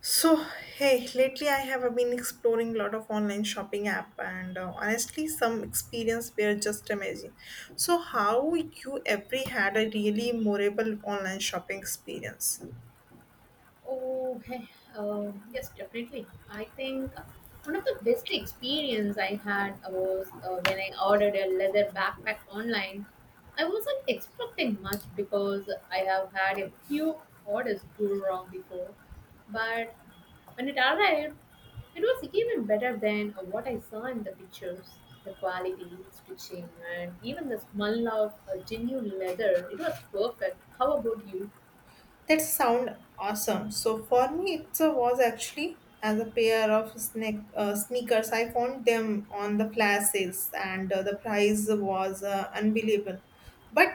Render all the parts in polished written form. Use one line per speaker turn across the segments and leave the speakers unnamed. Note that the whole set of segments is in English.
So, hey, lately I have been exploring a lot of online shopping app and honestly some experience were just amazing. So, how you every had a really memorable online shopping experience?
Oh, hey, yes, definitely. I think one of the best experience I had was when I ordered a leather backpack online. I wasn't expecting much because I have had a few orders go wrong before, but when it arrived, it was even better than what I saw in the pictures. The quality, stitching, and even the smell of genuine leather, it was perfect. How about you?
That sound awesome. So for me, it was actually as a pair of sneakers. I found them on the flash sales, and the price was unbelievable. But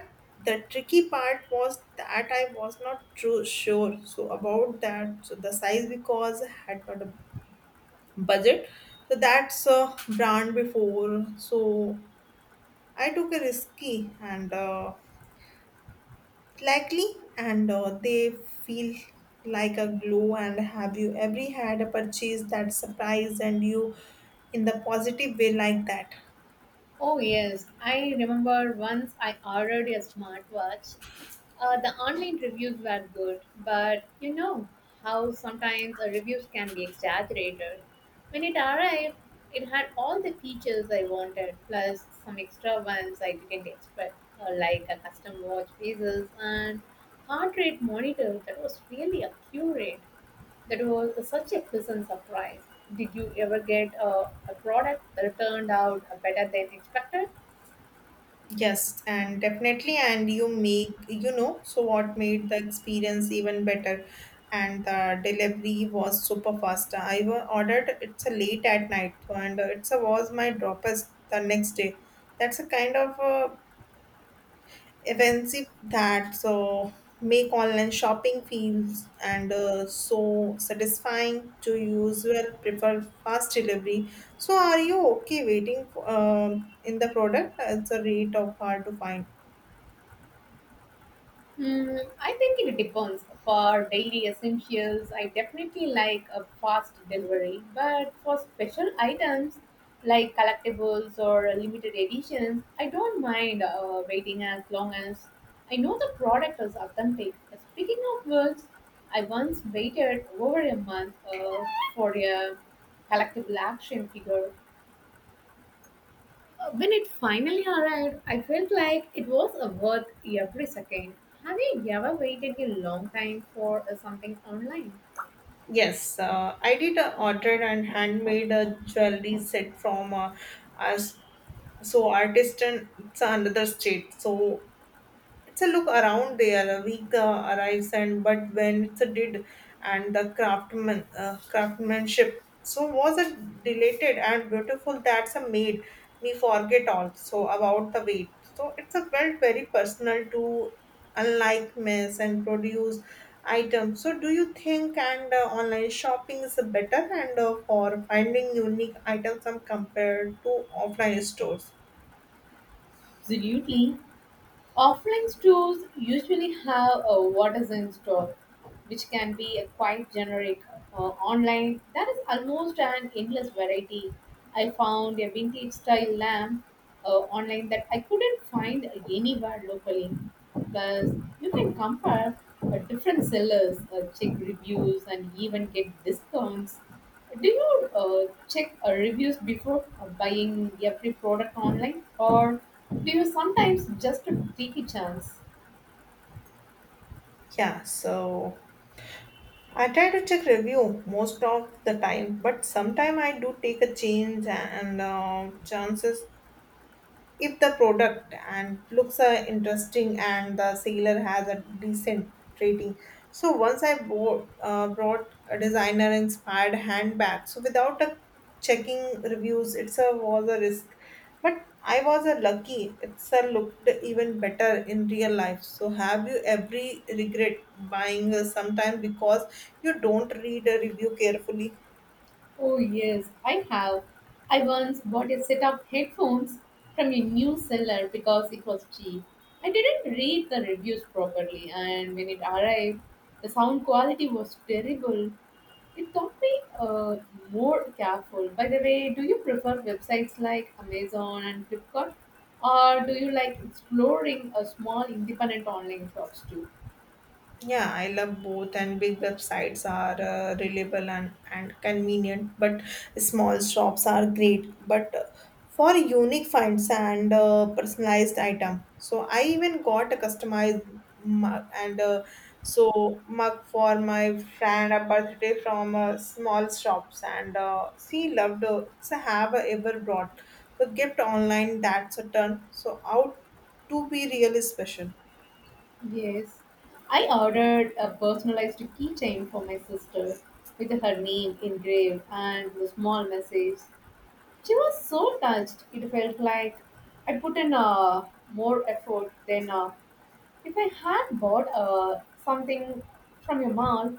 the tricky part was that I was not true sure so about that so the size because I had not a budget. So that's a brand before. So I took a risky and. Likely and they feel like a glow and have you ever had a purchase that surprised and you in the positive way like that
Oh yes, I remember once I ordered a smartwatch. The online reviews were good, but you know how sometimes reviews can be exaggerated. When it arrived, it had all the features I wanted, plus some extra ones I didn't expect, like a custom watch faces and heart rate monitor that was really accurate. That was such a pleasant surprise. Did you ever get a product that turned out better than expected?
yes and definitely and you make so what made the experience even better and the delivery was super fast ordered it's a late at night and it's a was my droppers the next day that's a kind of a events if that so make online shopping feels and so satisfying to usual prefer fast delivery so are you okay waiting for, in the product it's a rate of hard to find
Hmm, I think it depends. For daily essentials, I definitely like a fast delivery, but for special items like collectibles or limited editions, I don't mind waiting as long as I know the product is authentic. Speaking of which, I once waited over a month for a collectible action figure. When it finally arrived, I felt like it was a worth every second. Have you ever waited a long time for something online?
yes I did order and handmade a jewelry set from us so artisan it's another state so it's a look around there. A week arrives, and but when it's a did, and the craftsmanship so was it delighted and beautiful. That's a made me forget also about the weight. So it's a felt very personal to unlike mess and produce items. So do you think and online shopping is better and for finding unique items and compared to offline stores?
Absolutely. Offline stores usually have a what is in store, which can be a quite generic. Online, there is almost an endless variety. I found a vintage style lamp online that I couldn't find anywhere locally. Plus, you can compare different sellers, check reviews, and even get discounts. Do you check reviews before buying every product online, or do you sometimes just take a chance?
Yeah. So I try to check review most of the time, but sometime I do take a change and chances if the product and looks are interesting and the seller has a decent rating so once i brought a designer inspired handbag so without a checking reviews it's a was a risk but I was a lucky it's a looked even better in real life so have you every regret buying sometime because you don't read a review carefully
Oh, yes, I have. I once bought a set of headphones from a new seller because it was cheap. I didn't read the reviews properly, and when it arrived, the sound quality was terrible. It taught me more careful. By the way, do you prefer websites like Amazon and Flipkart, or do you like exploring a small independent online shops too?
Yeah, I love both, and big websites are reliable and convenient, but small shops are great. But for unique finds and personalized item, so I even got a customized mug and so mug for my friend a birthday from small shops, and she loved it's have a ever brought. So gift online, that's a turn. So out to be really special
Yes, I ordered a personalized keychain for my sister with her name engraved and a small message. She was so touched. It felt like I put in more effort than if I had bought something from your mall.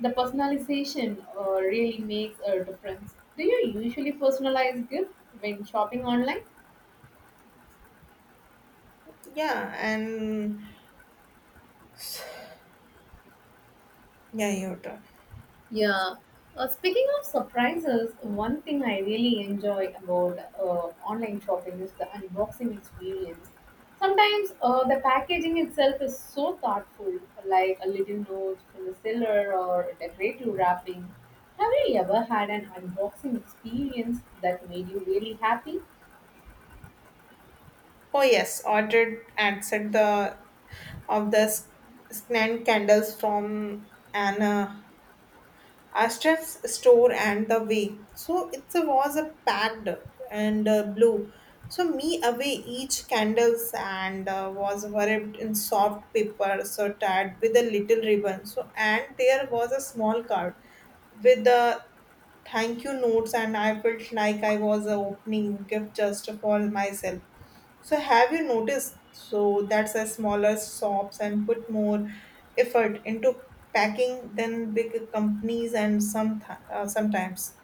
The personalization really makes a difference. Do you usually personalize gifts when shopping online?
yeah and Yeah, your turn.
Yeah. Speaking of surprises, one thing I really enjoy about online shopping is the unboxing experience. Sometimes the packaging itself is so thoughtful, like a little note from the seller or decorative wrapping. Have you ever had an unboxing experience that made you really happy?
Oh yes, ordered and the of scant candles from an Astrid's store and the way. So it was a packed and blue. So me away each candles and was wrapped in soft paper, so tied with a little ribbon. So and there was a small card with the thank you notes and I felt like I was opening gift just for myself. So have you noticed so that's a smaller shops and put more effort into packing than big companies and sometimes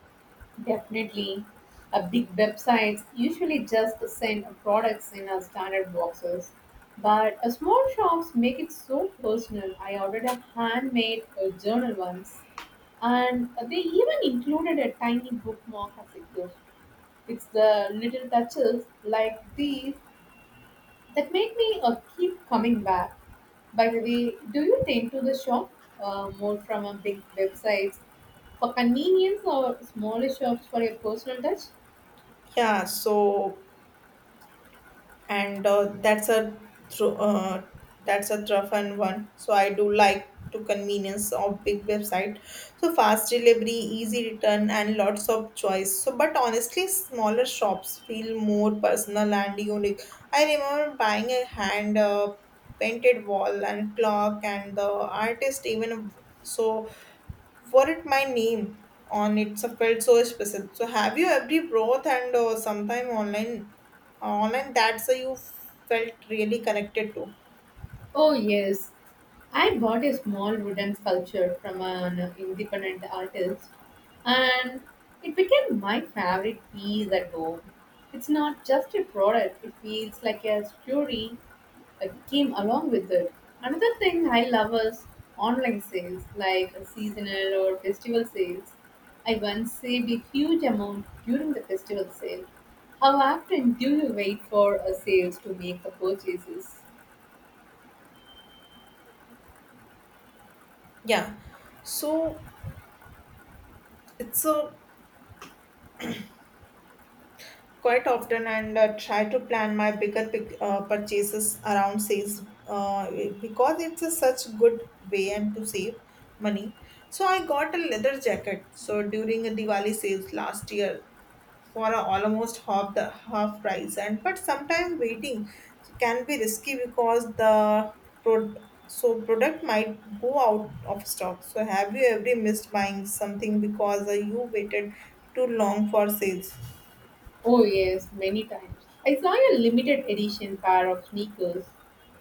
Definitely. Big websites usually just send products in our standard boxes, but small shops make it so personal. I ordered a handmade journal once, and they even included a tiny bookmark as a gift. It's the little touches like these that make me keep coming back. By the way, do you tend to the shop more from a big websites for convenience or smaller shops for your personal touch?
yeah so and that's a thro- uh, rough and one so I do like to convenience of big website so fast delivery easy return and lots of choice so but honestly smaller shops feel more personal and unique I remember buying a hand painted wall and clock and the artist even so for it my name on it so felt so special so have you every broth and sometime online online that's you felt really connected to
Oh, yes. I bought a small wooden sculpture from an independent artist, and it became my favorite piece at home. It's not just a product, it feels like a story that came along with it. Another thing I love is online sales, like seasonal or festival sales. I once saved a huge amount during the festival sale. How often do you wait for a sales to make the purchases?
yeah so it's quite often and try to plan my bigger purchases around sales uh, because it's a such good way and to save money so I got a leather jacket so during a diwali sales last year for a almost half price and but sometimes waiting so can be risky because the pro- so product might go out of stock so have you ever missed buying something because you waited too long for sales
Oh, yes, many times. I saw a limited edition pair of sneakers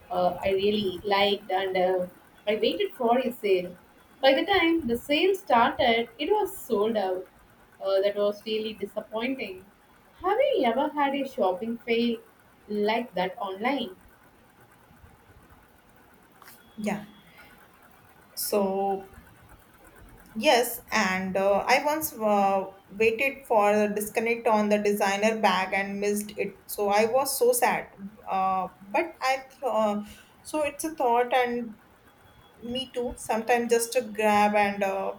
I really liked, and I waited for a sale. By the time the sale started, it was sold out. That was really disappointing. Have you ever had a shopping fail like that online?
yeah so yes and I once waited for the disconnect on the designer bag and missed it so I was so sad uh, but I th- so it's a thought and Me too. Sometimes just to grab and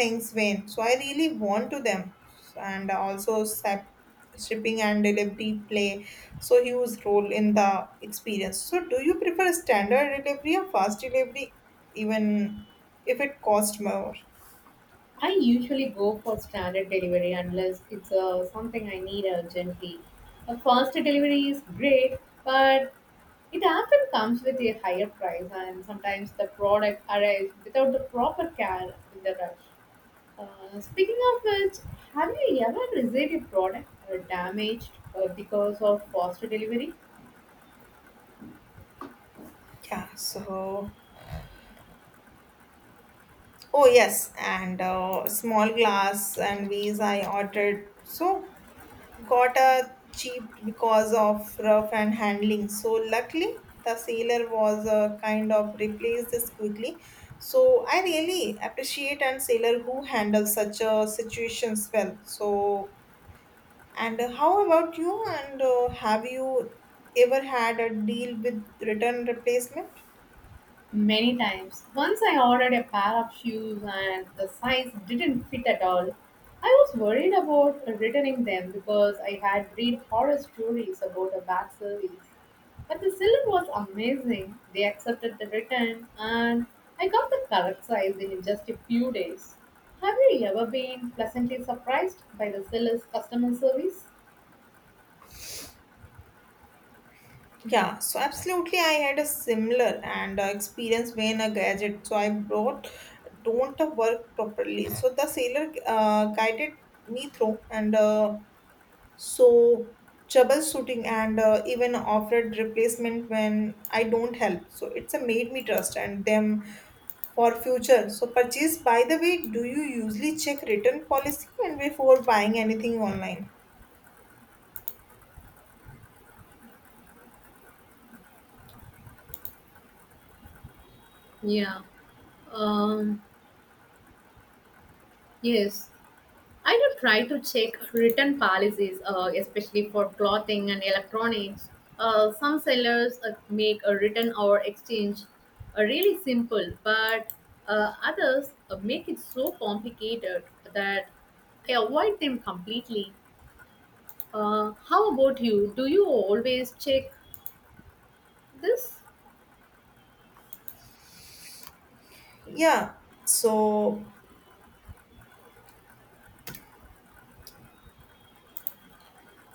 things vain. So I really want to them. And also shipping and delivery play so huge role in the experience. So do you prefer standard delivery or fast delivery even if it costs more?
I usually go for standard delivery unless it's something I need urgently. A faster delivery is great, but it often comes with a higher price, and sometimes the product arrives without the proper care in the rush. Speaking of which, have you ever received a product damaged because of faster delivery?
Yeah, so oh yes, and small glass and vase I ordered. So got a cheap because of rough and handling. So luckily, the sailor was kind of replaced this quickly. So I really appreciate and sailor who handle such situations well. So and how about you? And have you ever had a deal with return replacement?
Many times. Once I ordered a pair of shoes and the size didn't fit at all. I was worried about returning them because I had read horror stories about a bad service. But the seller was amazing. They accepted the return and I got the correct size in just a few days. Have you ever been pleasantly surprised by the seller's customer service?
Yeah, so absolutely, I had a similar and experience when a gadget. So I brought don't work properly. So the sailor guided me through and so troubleshooting and even offered replacement when I don't help. So it's a made me trust and them for future. So purchase. By the way, do you usually check return policy and before buying anything online?
Yeah. Um, yes. I do try to check written policies, especially for clothing and electronics. Some sellers make a return or exchange really simple, but others make it so complicated that I avoid them completely. How about you? Do you always check this?
Yeah, so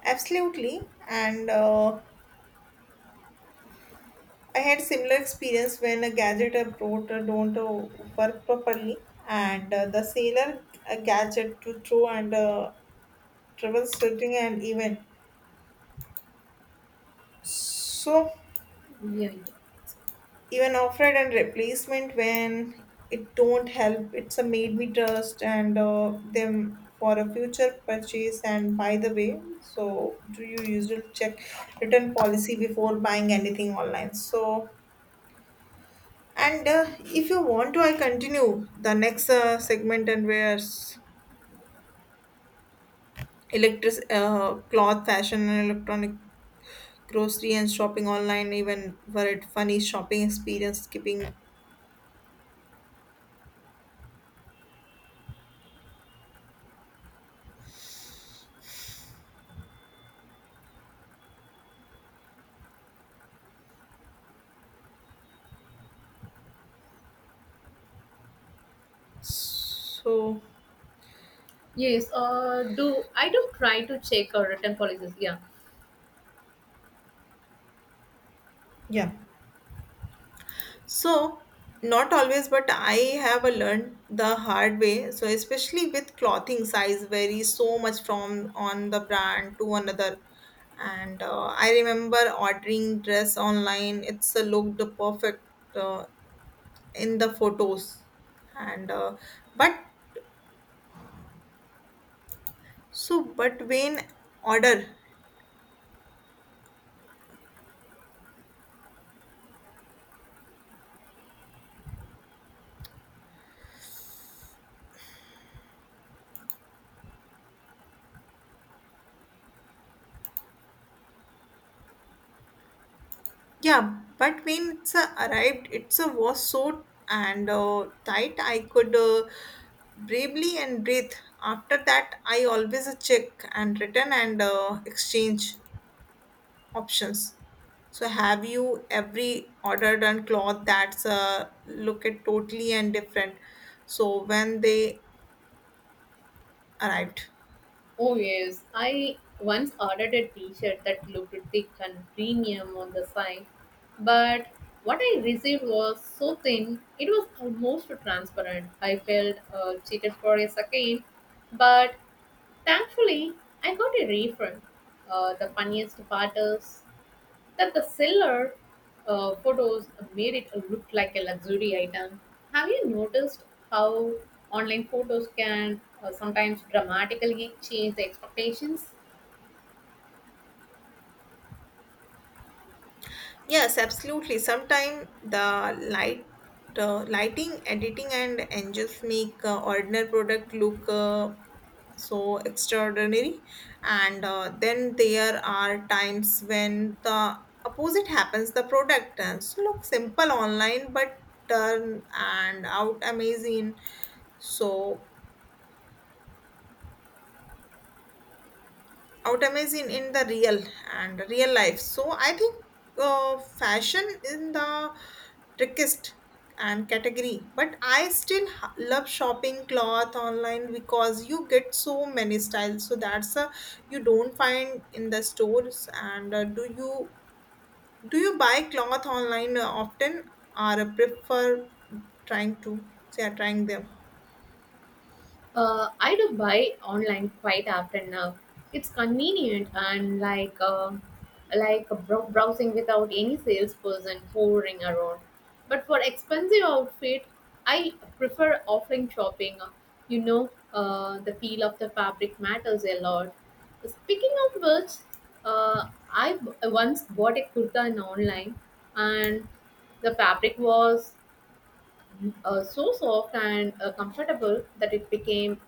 absolutely and. I had similar experience when a gadget I brought don't work properly, and the sailor gadget to throw and trouble shooting and so
Yeah.
even offered and replacement when it don't help. It's a made me trust and them for a future purchase. And by the way, so do you usually check return policy before buying anything online? So And if you want to, I continue the next segment and where's electric cloth fashion and electronic grocery and shopping online even were it funny shopping experience skipping so
Yes. Do I do try to check return policies? Yeah.
yeah So, not always, but I have a learned the hard way. So, especially with clothing, size varies so much from on the brand to another. And I remember ordering dress online. It's looked perfect uh, in the photos, and but so but when order Yeah, but when it's arrived, it's was so and tight I could bravely and breathe. After that, I always check and return and exchange options. So, have you every ordered and cloth that's look at totally and different? So when they arrived.
Oh yes, I once ordered a t-shirt that looked thick and premium on the side, but what I received was so thin it was almost transparent. I felt cheated for a second, but thankfully I got a refund. The funniest part is that the seller photos made it look like a luxury item. Have you noticed how online photos can sometimes dramatically change the expectations?
Yes, absolutely. Sometimes the lighting, editing, and angels make ordinary product look so extraordinary and then there are times when the opposite happens the product turns look simple online but turn and out amazing so out amazing in the real life so I think fashion in the trickiest and category but I still love shopping cloth online because you get so many styles so that's a you don't find in the stores and do you buy cloth online often or prefer trying to say trying them
I do buy online quite often now. It's convenient and like browsing without any salesperson hovering around. But for expensive outfit, I prefer offline shopping. You know, the feel of the fabric matters a lot. Speaking of which, uh, I once bought a kurta in online, and the fabric was so soft and comfortable that it became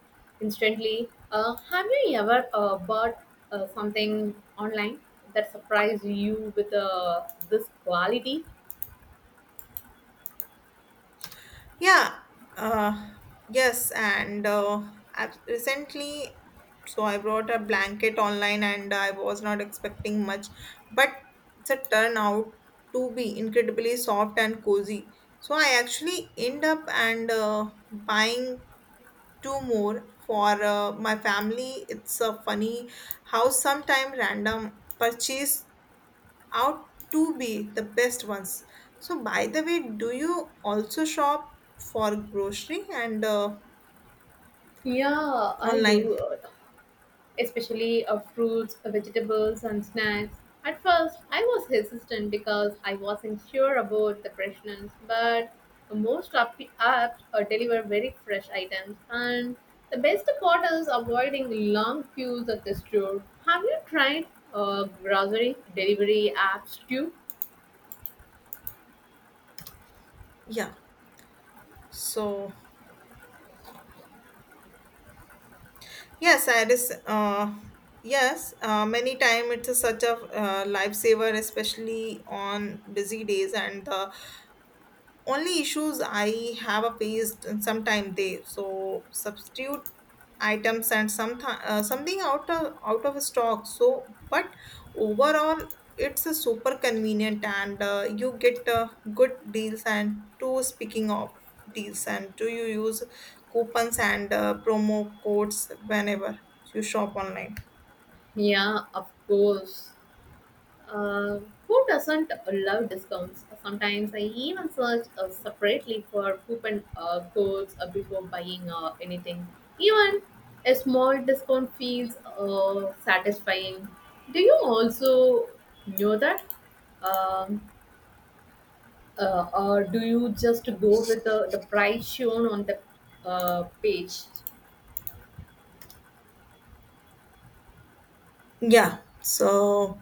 instantly. Have you ever bought something online that surprised you with this quality?
Yeah, uh, yes, and I recently, so I bought a blanket online and I was not expecting much, but it's a turn out to be incredibly soft and cozy. So I actually end up and buying two more for my family. It's a funny how sometime random purchase out to be the best ones. So, by the way, do you also shop for grocery and
Yeah, I
online?
do. Especially of fruits, vegetables, and snacks. At first, I was hesitant because I wasn't sure about the freshness, but most apps deliver very fresh items, and the best part is avoiding long queues at the store. Have you tried grocery delivery apps too?
Yeah. So, yes, I just yes, many time it's a such a lifesaver, especially on busy days and the only issues I have faced and sometime they so substitute items and something out of stock so but overall it's a super convenient and you get good deals and to speaking of deals and do you use coupons and promo codes whenever you shop online
Yeah, of course. Uh, who doesn't love discounts? Sometimes I even search separately for coupon codes before buying anything. Even a small discount feels satisfying. Do you also know that? Um, or do you just go with the price shown on the page?
yeah so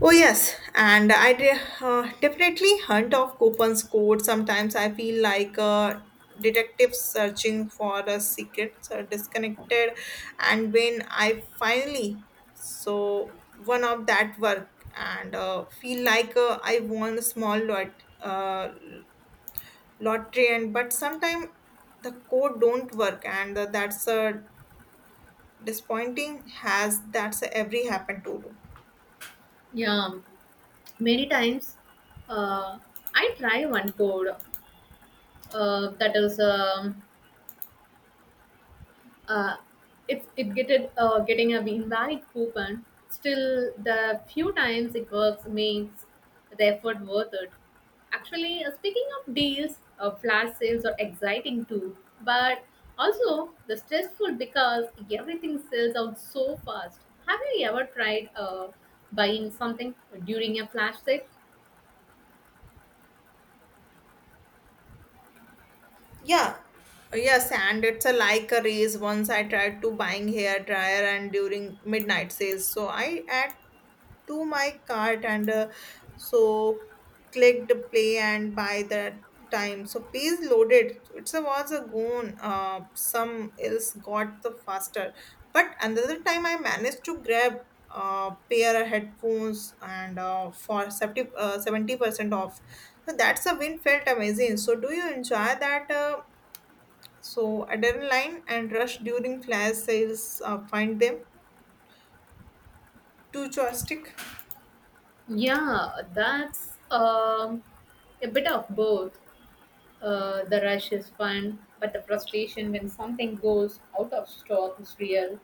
Oh yes, and I definitely hunt of coupons code. Sometimes I feel like a detective searching for a secret, so disconnected. And when I finally so one of that work and feel like I won a small uh, lottery, and but sometimes the code don't work, and that's a disappointing. Has that's every happened to do.
Yeah, many times uh, I try one code that is. Uh, if it get it, getting a invalid coupon, still the few times it works makes the effort worth it. Actually, speaking of deals, flash sales are exciting too, but also the stressful because everything sells out so fast. Have you ever tried buying something during a flash sale?
Yeah, yes, and it's a like a race. Once I tried to buying hair dryer and during midnight sales, so I add to my cart and so clicked play and buy that time. So page loaded. It's a was a gone. Some else got the faster, but another time I managed to grab pair of headphones and for 70% off so that's a win felt amazing so do you enjoy that adrenaline and rush during flash sales. Find them. Two joystick.
Yeah, that's a bit of both. The rush is fun, but the frustration when something goes out of stock is real.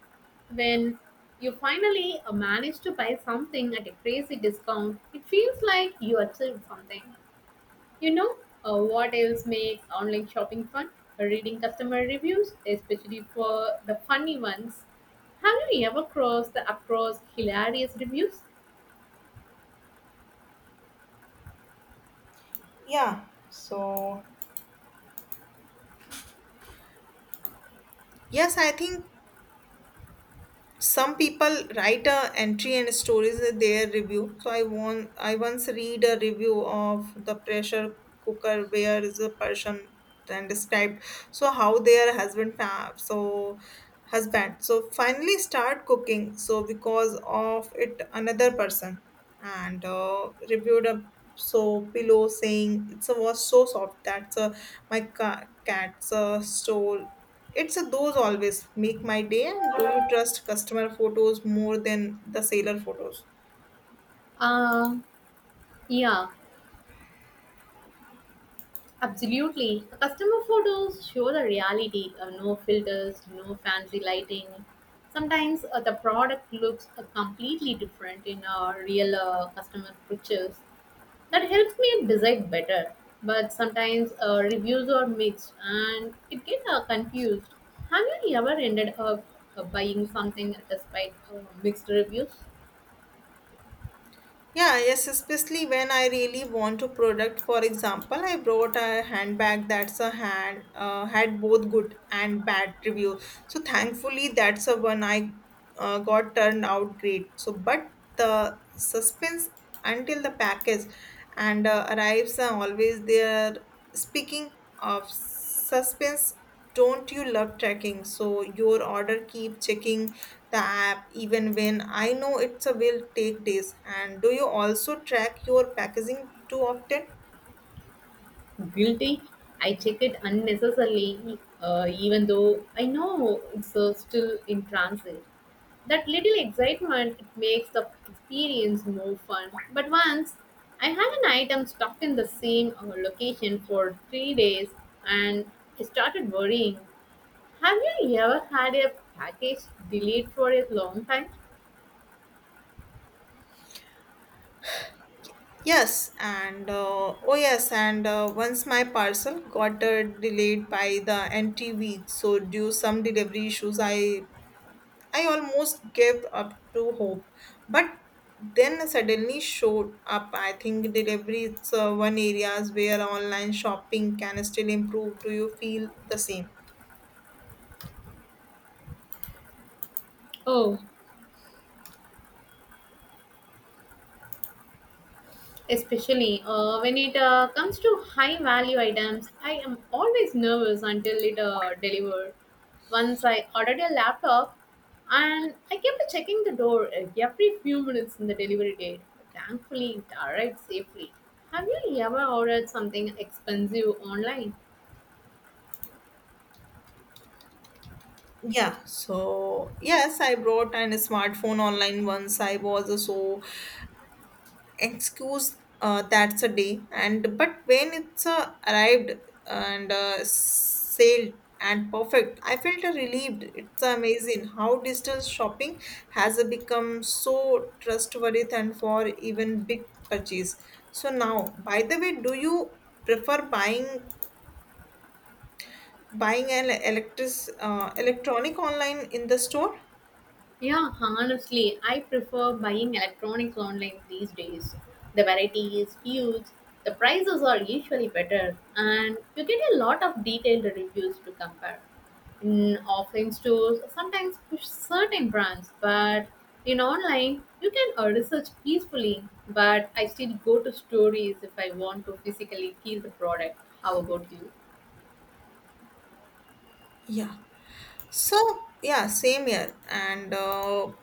When you finally manage to buy something at a crazy discount, it feels like you achieved something. You know, what else makes online shopping fun? Reading customer reviews, especially for the funny ones. Have you ever crossed the across hilarious reviews?
Yeah. Yes, I think some people write a entry and stories in their review so I once read a review of the pressure cooker where is a person and described so how their husband husband so finally start cooking so because of it another person and reviewed a so pillow saying it was so soft that's a my cat's stole it's a those always make my day. And do you trust customer photos more than the seller photos?
Um, yeah. Absolutely. Customer photos show the reality of no filters, no fancy lighting. Sometimes the product looks completely different in our real customer pictures. That helps me decide better. But sometimes reviews are mixed and it gets confused. Have you ever ended up buying something despite mixed reviews?
Yeah, yes, especially when I really want to product. For example, I brought a handbag that's a hand had both good and bad review. So thankfully, that's a one I got turned out great. So, but the suspense until the package and arrives are always there. Speaking of suspense, don't you love tracking? So your order keep checking the app even when I know it's a will take days. And do you also track your packaging too often?
Guilty. I check it unnecessarily, even though I know it's still in transit. That little excitement it makes the experience more fun. But once I had an item stuck in the same location for 3 days, and I started worrying. Have you ever had a package delayed for a long time?
Yes, and oh yes, and once my parcel got delayed by the NT week, so due some delivery issues, I almost gave up to hope, but then suddenly showed up. I think delivery is one areas where online shopping can still improve. Do you feel the same?
Oh, especially when it comes to high value items, I am always nervous until it delivered. Once I ordered a laptop and I kept checking the door every few minutes in the delivery date. Thankfully, it arrived safely. Have you ever ordered something expensive online?
Yes, I brought an smartphone online once. I was so excuse that's a day, and but when it's arrived and sailed and perfect, I felt relieved. It's amazing how digital shopping has become so trustworthy and for even big purchase. So now, by the way, do you prefer buying an electric electronic online in the store?
Yeah, honestly, I prefer buying electronics online these days. The variety is huge, the prices are usually better, and you get a lot of detailed reviews to compare. In offline stores, sometimes push certain brands, but in online, you can research peacefully. But I still go to stories if I want to physically feel the product. How about you?
Yeah. So yeah, same here. And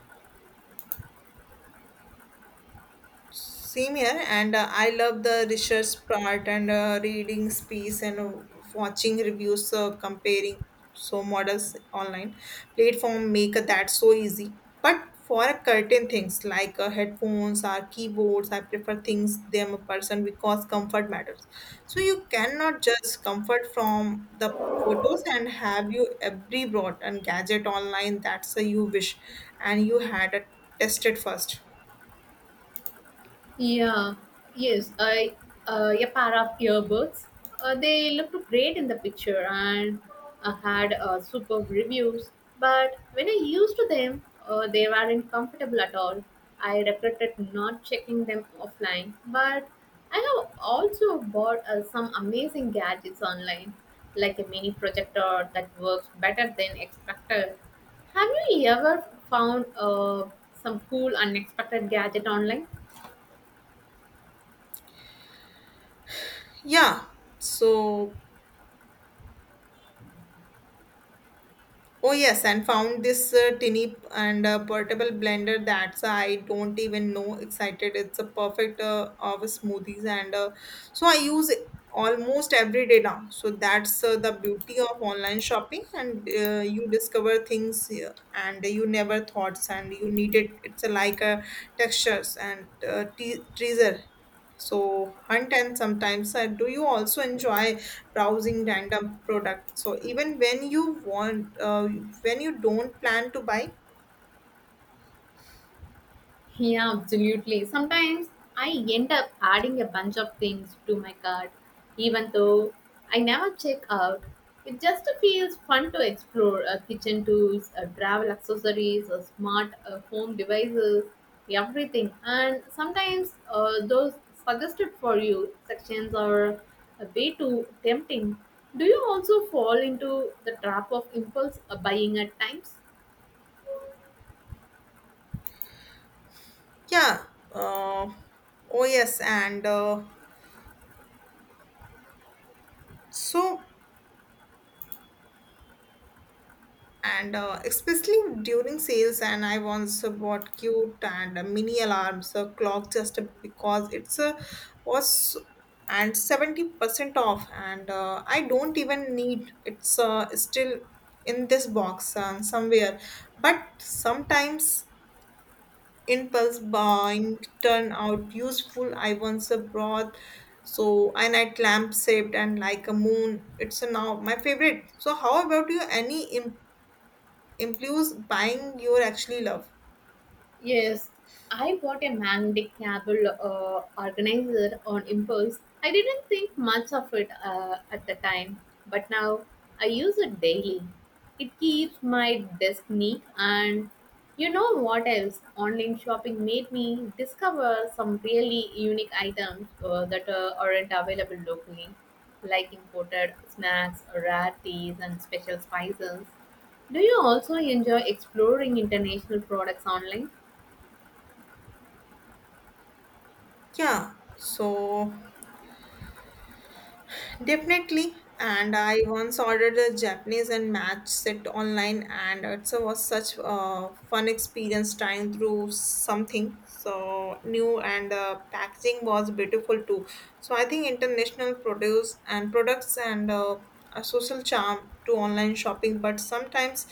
Same here, and I love the research part and reading piece and watching reviews, comparing so models online. Platform make that so easy. But for a certain things like headphones or keyboards, I prefer things them a person because comfort matters. So you cannot just comfort from the photos and have you every brought and gadget online that's a you wish and you had a tested first.
Yeah, yes, I a pair of earbuds. They looked great in the picture and had superb reviews. But when I used them, they weren't comfortable at all. I regretted not checking them offline. But I have also bought some amazing gadgets online, like a mini projector that works better than expected. Have you ever found some cool unexpected gadget online?
yeah so Oh yes, and found this tinny and portable blender that's I don't even know excited. It's a perfect of smoothies and so I use it almost every day now. So that's the beauty of online shopping and you discover things and you never thoughts and you need it. It's like textures and treasure. So hunt and sometimes do you also enjoy browsing random products? So even when you don't plan to buy.
Yeah, absolutely. Sometimes I end up adding a bunch of things to my cart, even though I never check out. It just feels fun to explore kitchen tools, travel accessories, smart home devices, everything. And sometimes those suggested for you sections are way too tempting. Do you also fall into the trap of impulse buying at times?
Yeah. Uh, oh yes, and so. And especially during sales and I once bought cute and mini alarms a clock just because it's a was and 70% off and I don't even need it's still in this box somewhere but sometimes impulse buying turn out useful I once brought so a night lamp shaped and like a moon it's a now my favorite. So how about you, any implies buying your actually love.
Yes, I bought a magnetic cable organizer on impulse. I didn't think much of it at the time, but now I use it daily. It keeps my desk neat, and you know what else? Online shopping made me discover some really unique items that aren't available locally, like imported snacks, rare teas, and special spices. Do you also enjoy exploring international products online?
Yeah, so Definitely. And I once ordered a Japanese and match set online, and it was such a fun experience trying through something so new, and the packaging was beautiful too. So I think international produce and products and a social charm to online shopping, but sometimes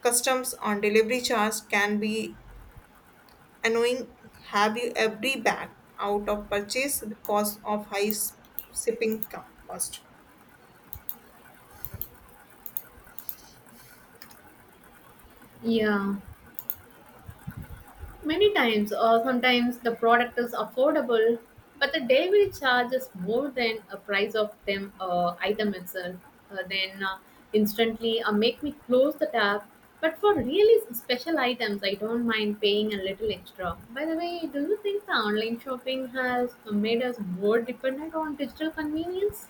customs on delivery charge can be annoying. Have you every bag out of purchase because of high shipping cost?
Yeah, many times, or sometimes the product is affordable, but the delivery charge is more than a price of them item itself. Then instantly make me close the tab. But for really special items, I don't mind paying a little extra. By the way, do you think the online shopping has made us more dependent on digital convenience?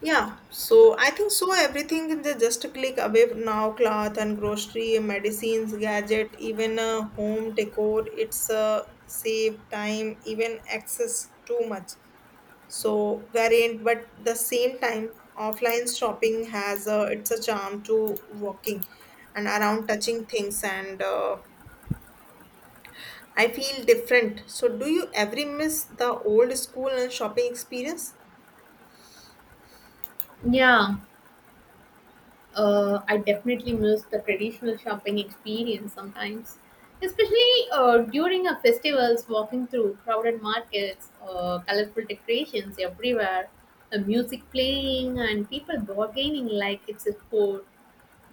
I think so, everything in just a click away now, cloth and grocery medicines gadget even home decor it's save time even access too much so variant but the same time offline shopping has it's a charm to walking and around touching things and I feel different. So, do you ever miss the old school and shopping experience?
Yeah, I definitely miss the traditional shopping experience sometimes, especially during a festivals. Walking through crowded markets, colorful decorations everywhere, the music playing, and people bargaining like it's a sport.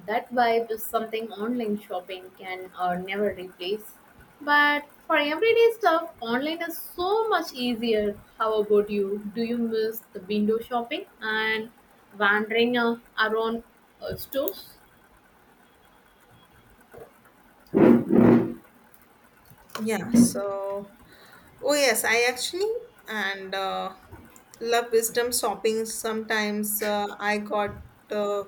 That vibe is something online shopping can never replace. But for everyday stuff, online is so much easier. How about you? Do you miss the window shopping and wandering around stores?
Yeah, so oh yes, I actually and love wisdom shopping. Sometimes uh,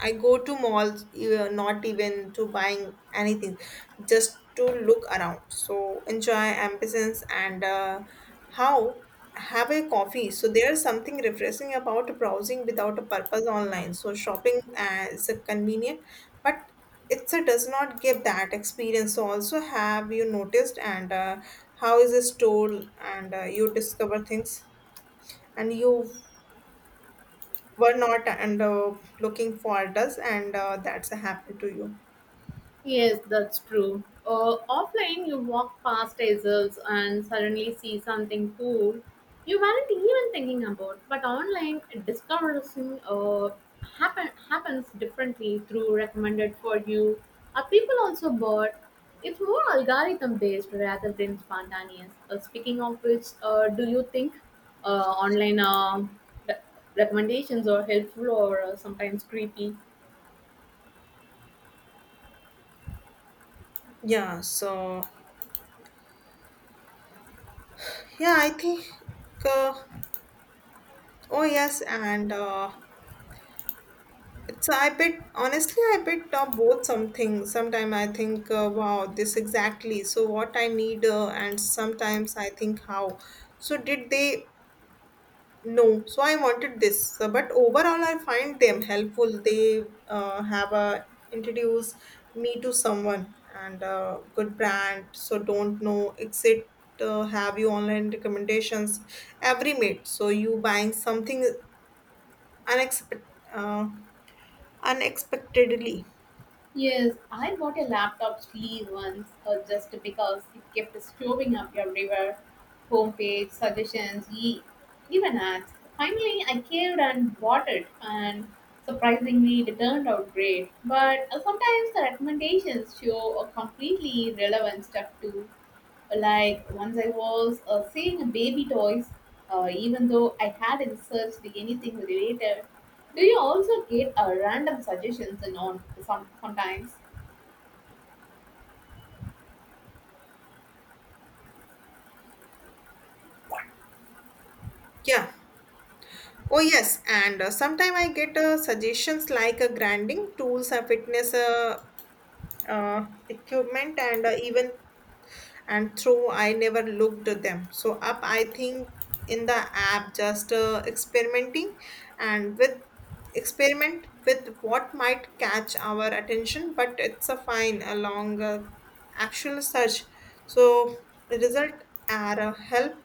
I go to malls e, not even to buying anything, just to look around. So enjoy ambience and how have a coffee. So there's something refreshing about browsing without a purpose online. So shopping is a convenient but Itsa does not give that experience. So also, have you noticed and how is a store and you discover things and you were not and looking for does and that's happened to you.
Yes, that's true. Offline, you walk past tassels and suddenly see something cool you weren't even thinking about. But online, discovering uh, happens differently through recommended for you. Are people also bought? It's more algorithm based rather than spontaneous. Speaking of which, do you think online re- recommendations are helpful or sometimes creepy?
Yeah. So yeah, I think. Uh, oh yes, and it's I bet honestly I bet both something. Sometimes I think wow this exactly. So what I need and sometimes I think how. So did they. No, so I wanted this. So, but overall I find them helpful. They have introduced me to someone and a good brand. So don't know exit. Have you online recommendations every minute? So you buying something unexpected, uh, unexpectedly.
Yes, I bought a laptop sleeve once just because it kept showing up everywhere. Homepage, suggestions, even ads. Finally, I caved and bought it, and surprisingly, it turned out great. But sometimes the recommendations show a completely irrelevant stuff too. Like once I was seeing baby toys, even though I hadn't searched anything related. Do you also get random suggestions and on sometimes?
Yeah. Oh yes, and sometime I get suggestions like grinding tools, fitness equipment, and even and through I never looked at them so up I think in the app just experimenting and with experiment with what might catch our attention but it's a fine along actual search so result are a help.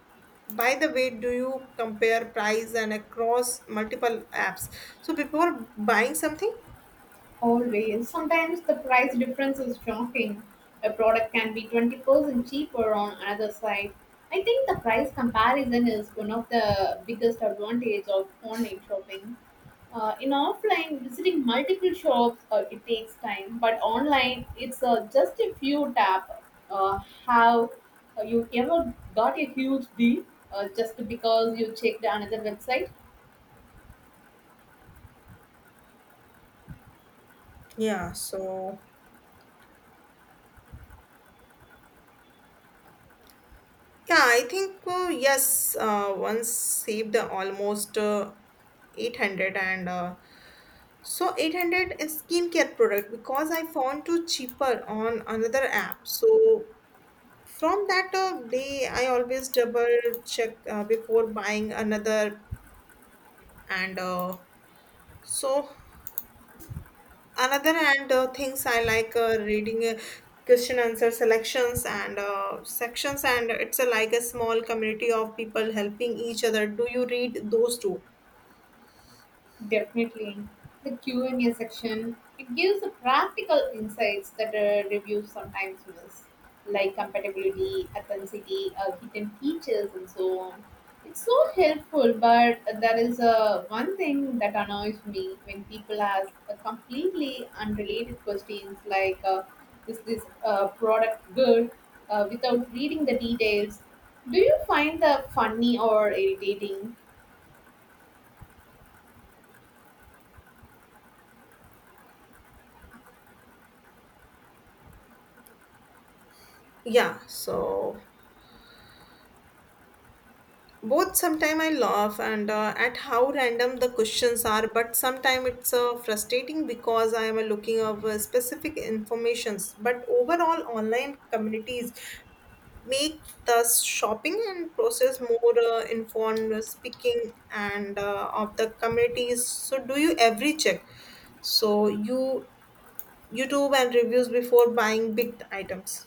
By the way, do you compare price and across multiple apps so before buying something?
Always. Sometimes the price difference is shocking. A product can be 20% cheaper on another site. I think the price comparison is one of the biggest advantage of online shopping. In offline, visiting multiple shops it takes time, but online it's just a few tap. Uh, have you ever got a huge deal just because you checked another website?
yeah so Yeah, I think once saved almost 800 and 800 is skincare product because I found too cheaper on another app. So from that day, I always double check before buying another and so another and things I like reading question answer selections and sections, and it's a like a small community of people helping each other. Do you read those too?
Definitely. The Q and A section, it gives the practical insights that reviews sometimes miss, like compatibility, authenticity, hidden features, and so on. It's so helpful, but there is one thing that annoys me when people ask completely unrelated questions like, is this product good, without reading the details. Do you find that funny or irritating?
yeah so Both. Sometime I laugh and at how random the questions are but sometime it's frustrating because I am looking of specific informations but overall online communities make the shopping and process more informed. Speaking and of the communities, so do you every check so you YouTube and reviews before buying big items?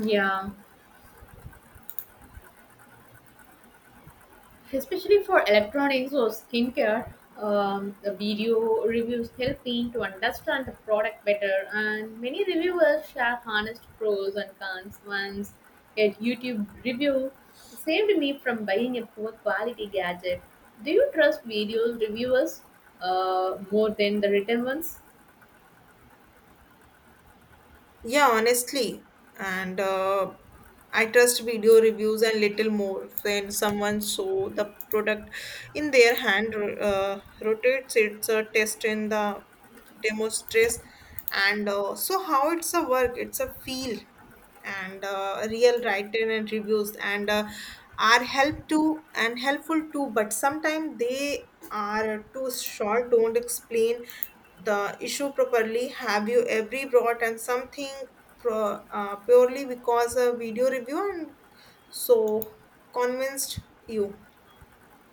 Yeah, especially for electronics or skincare the video reviews help me to understand the product better, and many reviewers share honest pros and cons. Once a YouTube review saved me from buying a poor quality gadget. Do you trust videos reviewers more than the written ones?
Yeah, honestly, and I trust video reviews and little more when someone saw the product in their hand, rotates its a test in the demo stress and so how it's a work it's a feel and real written and reviews and are help to and helpful too but sometimes they are too short, don't explain the issue properly. Have you every brought and something purely because a video review and so convinced you?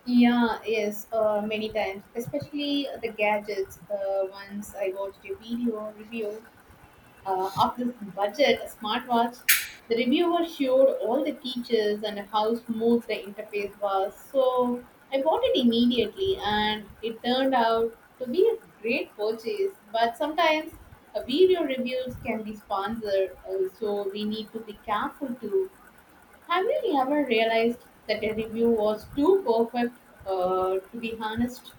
Yeah, yes, many times, especially the gadgets. Once I watched a video review of this budget smartwatch. The reviewer showed all the features and how smooth the interface was. So I bought it immediately, and it turned out to be a great purchase. But sometimes video reviews can be sponsored, so we need to be careful too. Have you ever realized that a review was too perfect to be honest?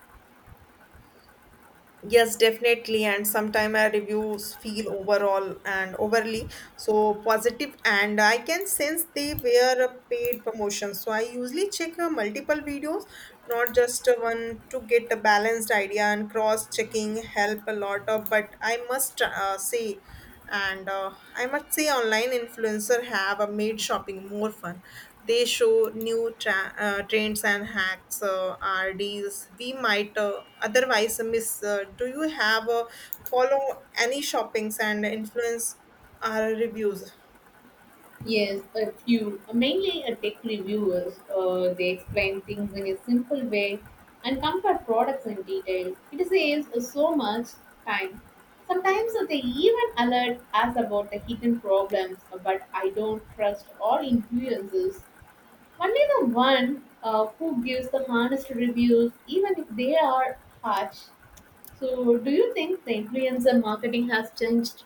Yes, definitely. And sometimes our reviews feel overall and overly so positive, and I can sense they were a paid promotion. So I usually check multiple videos, not just one, to get a balanced idea. And cross checking help a lot of. But I must say and I must say online influencer have made shopping more fun. They show new trends and hacks or deals we might otherwise miss. Do you have follow any shoppings and influence our reviews?
Yes, a few, mainly a tech reviewers. They explain things in a simple way and compare products in detail. It saves us so much time. Sometimes they even alert us about the hidden problems, but I don't trust all influencers. Only the one who gives the honest reviews, even if they are harsh. So, do you think the influencer marketing has changed?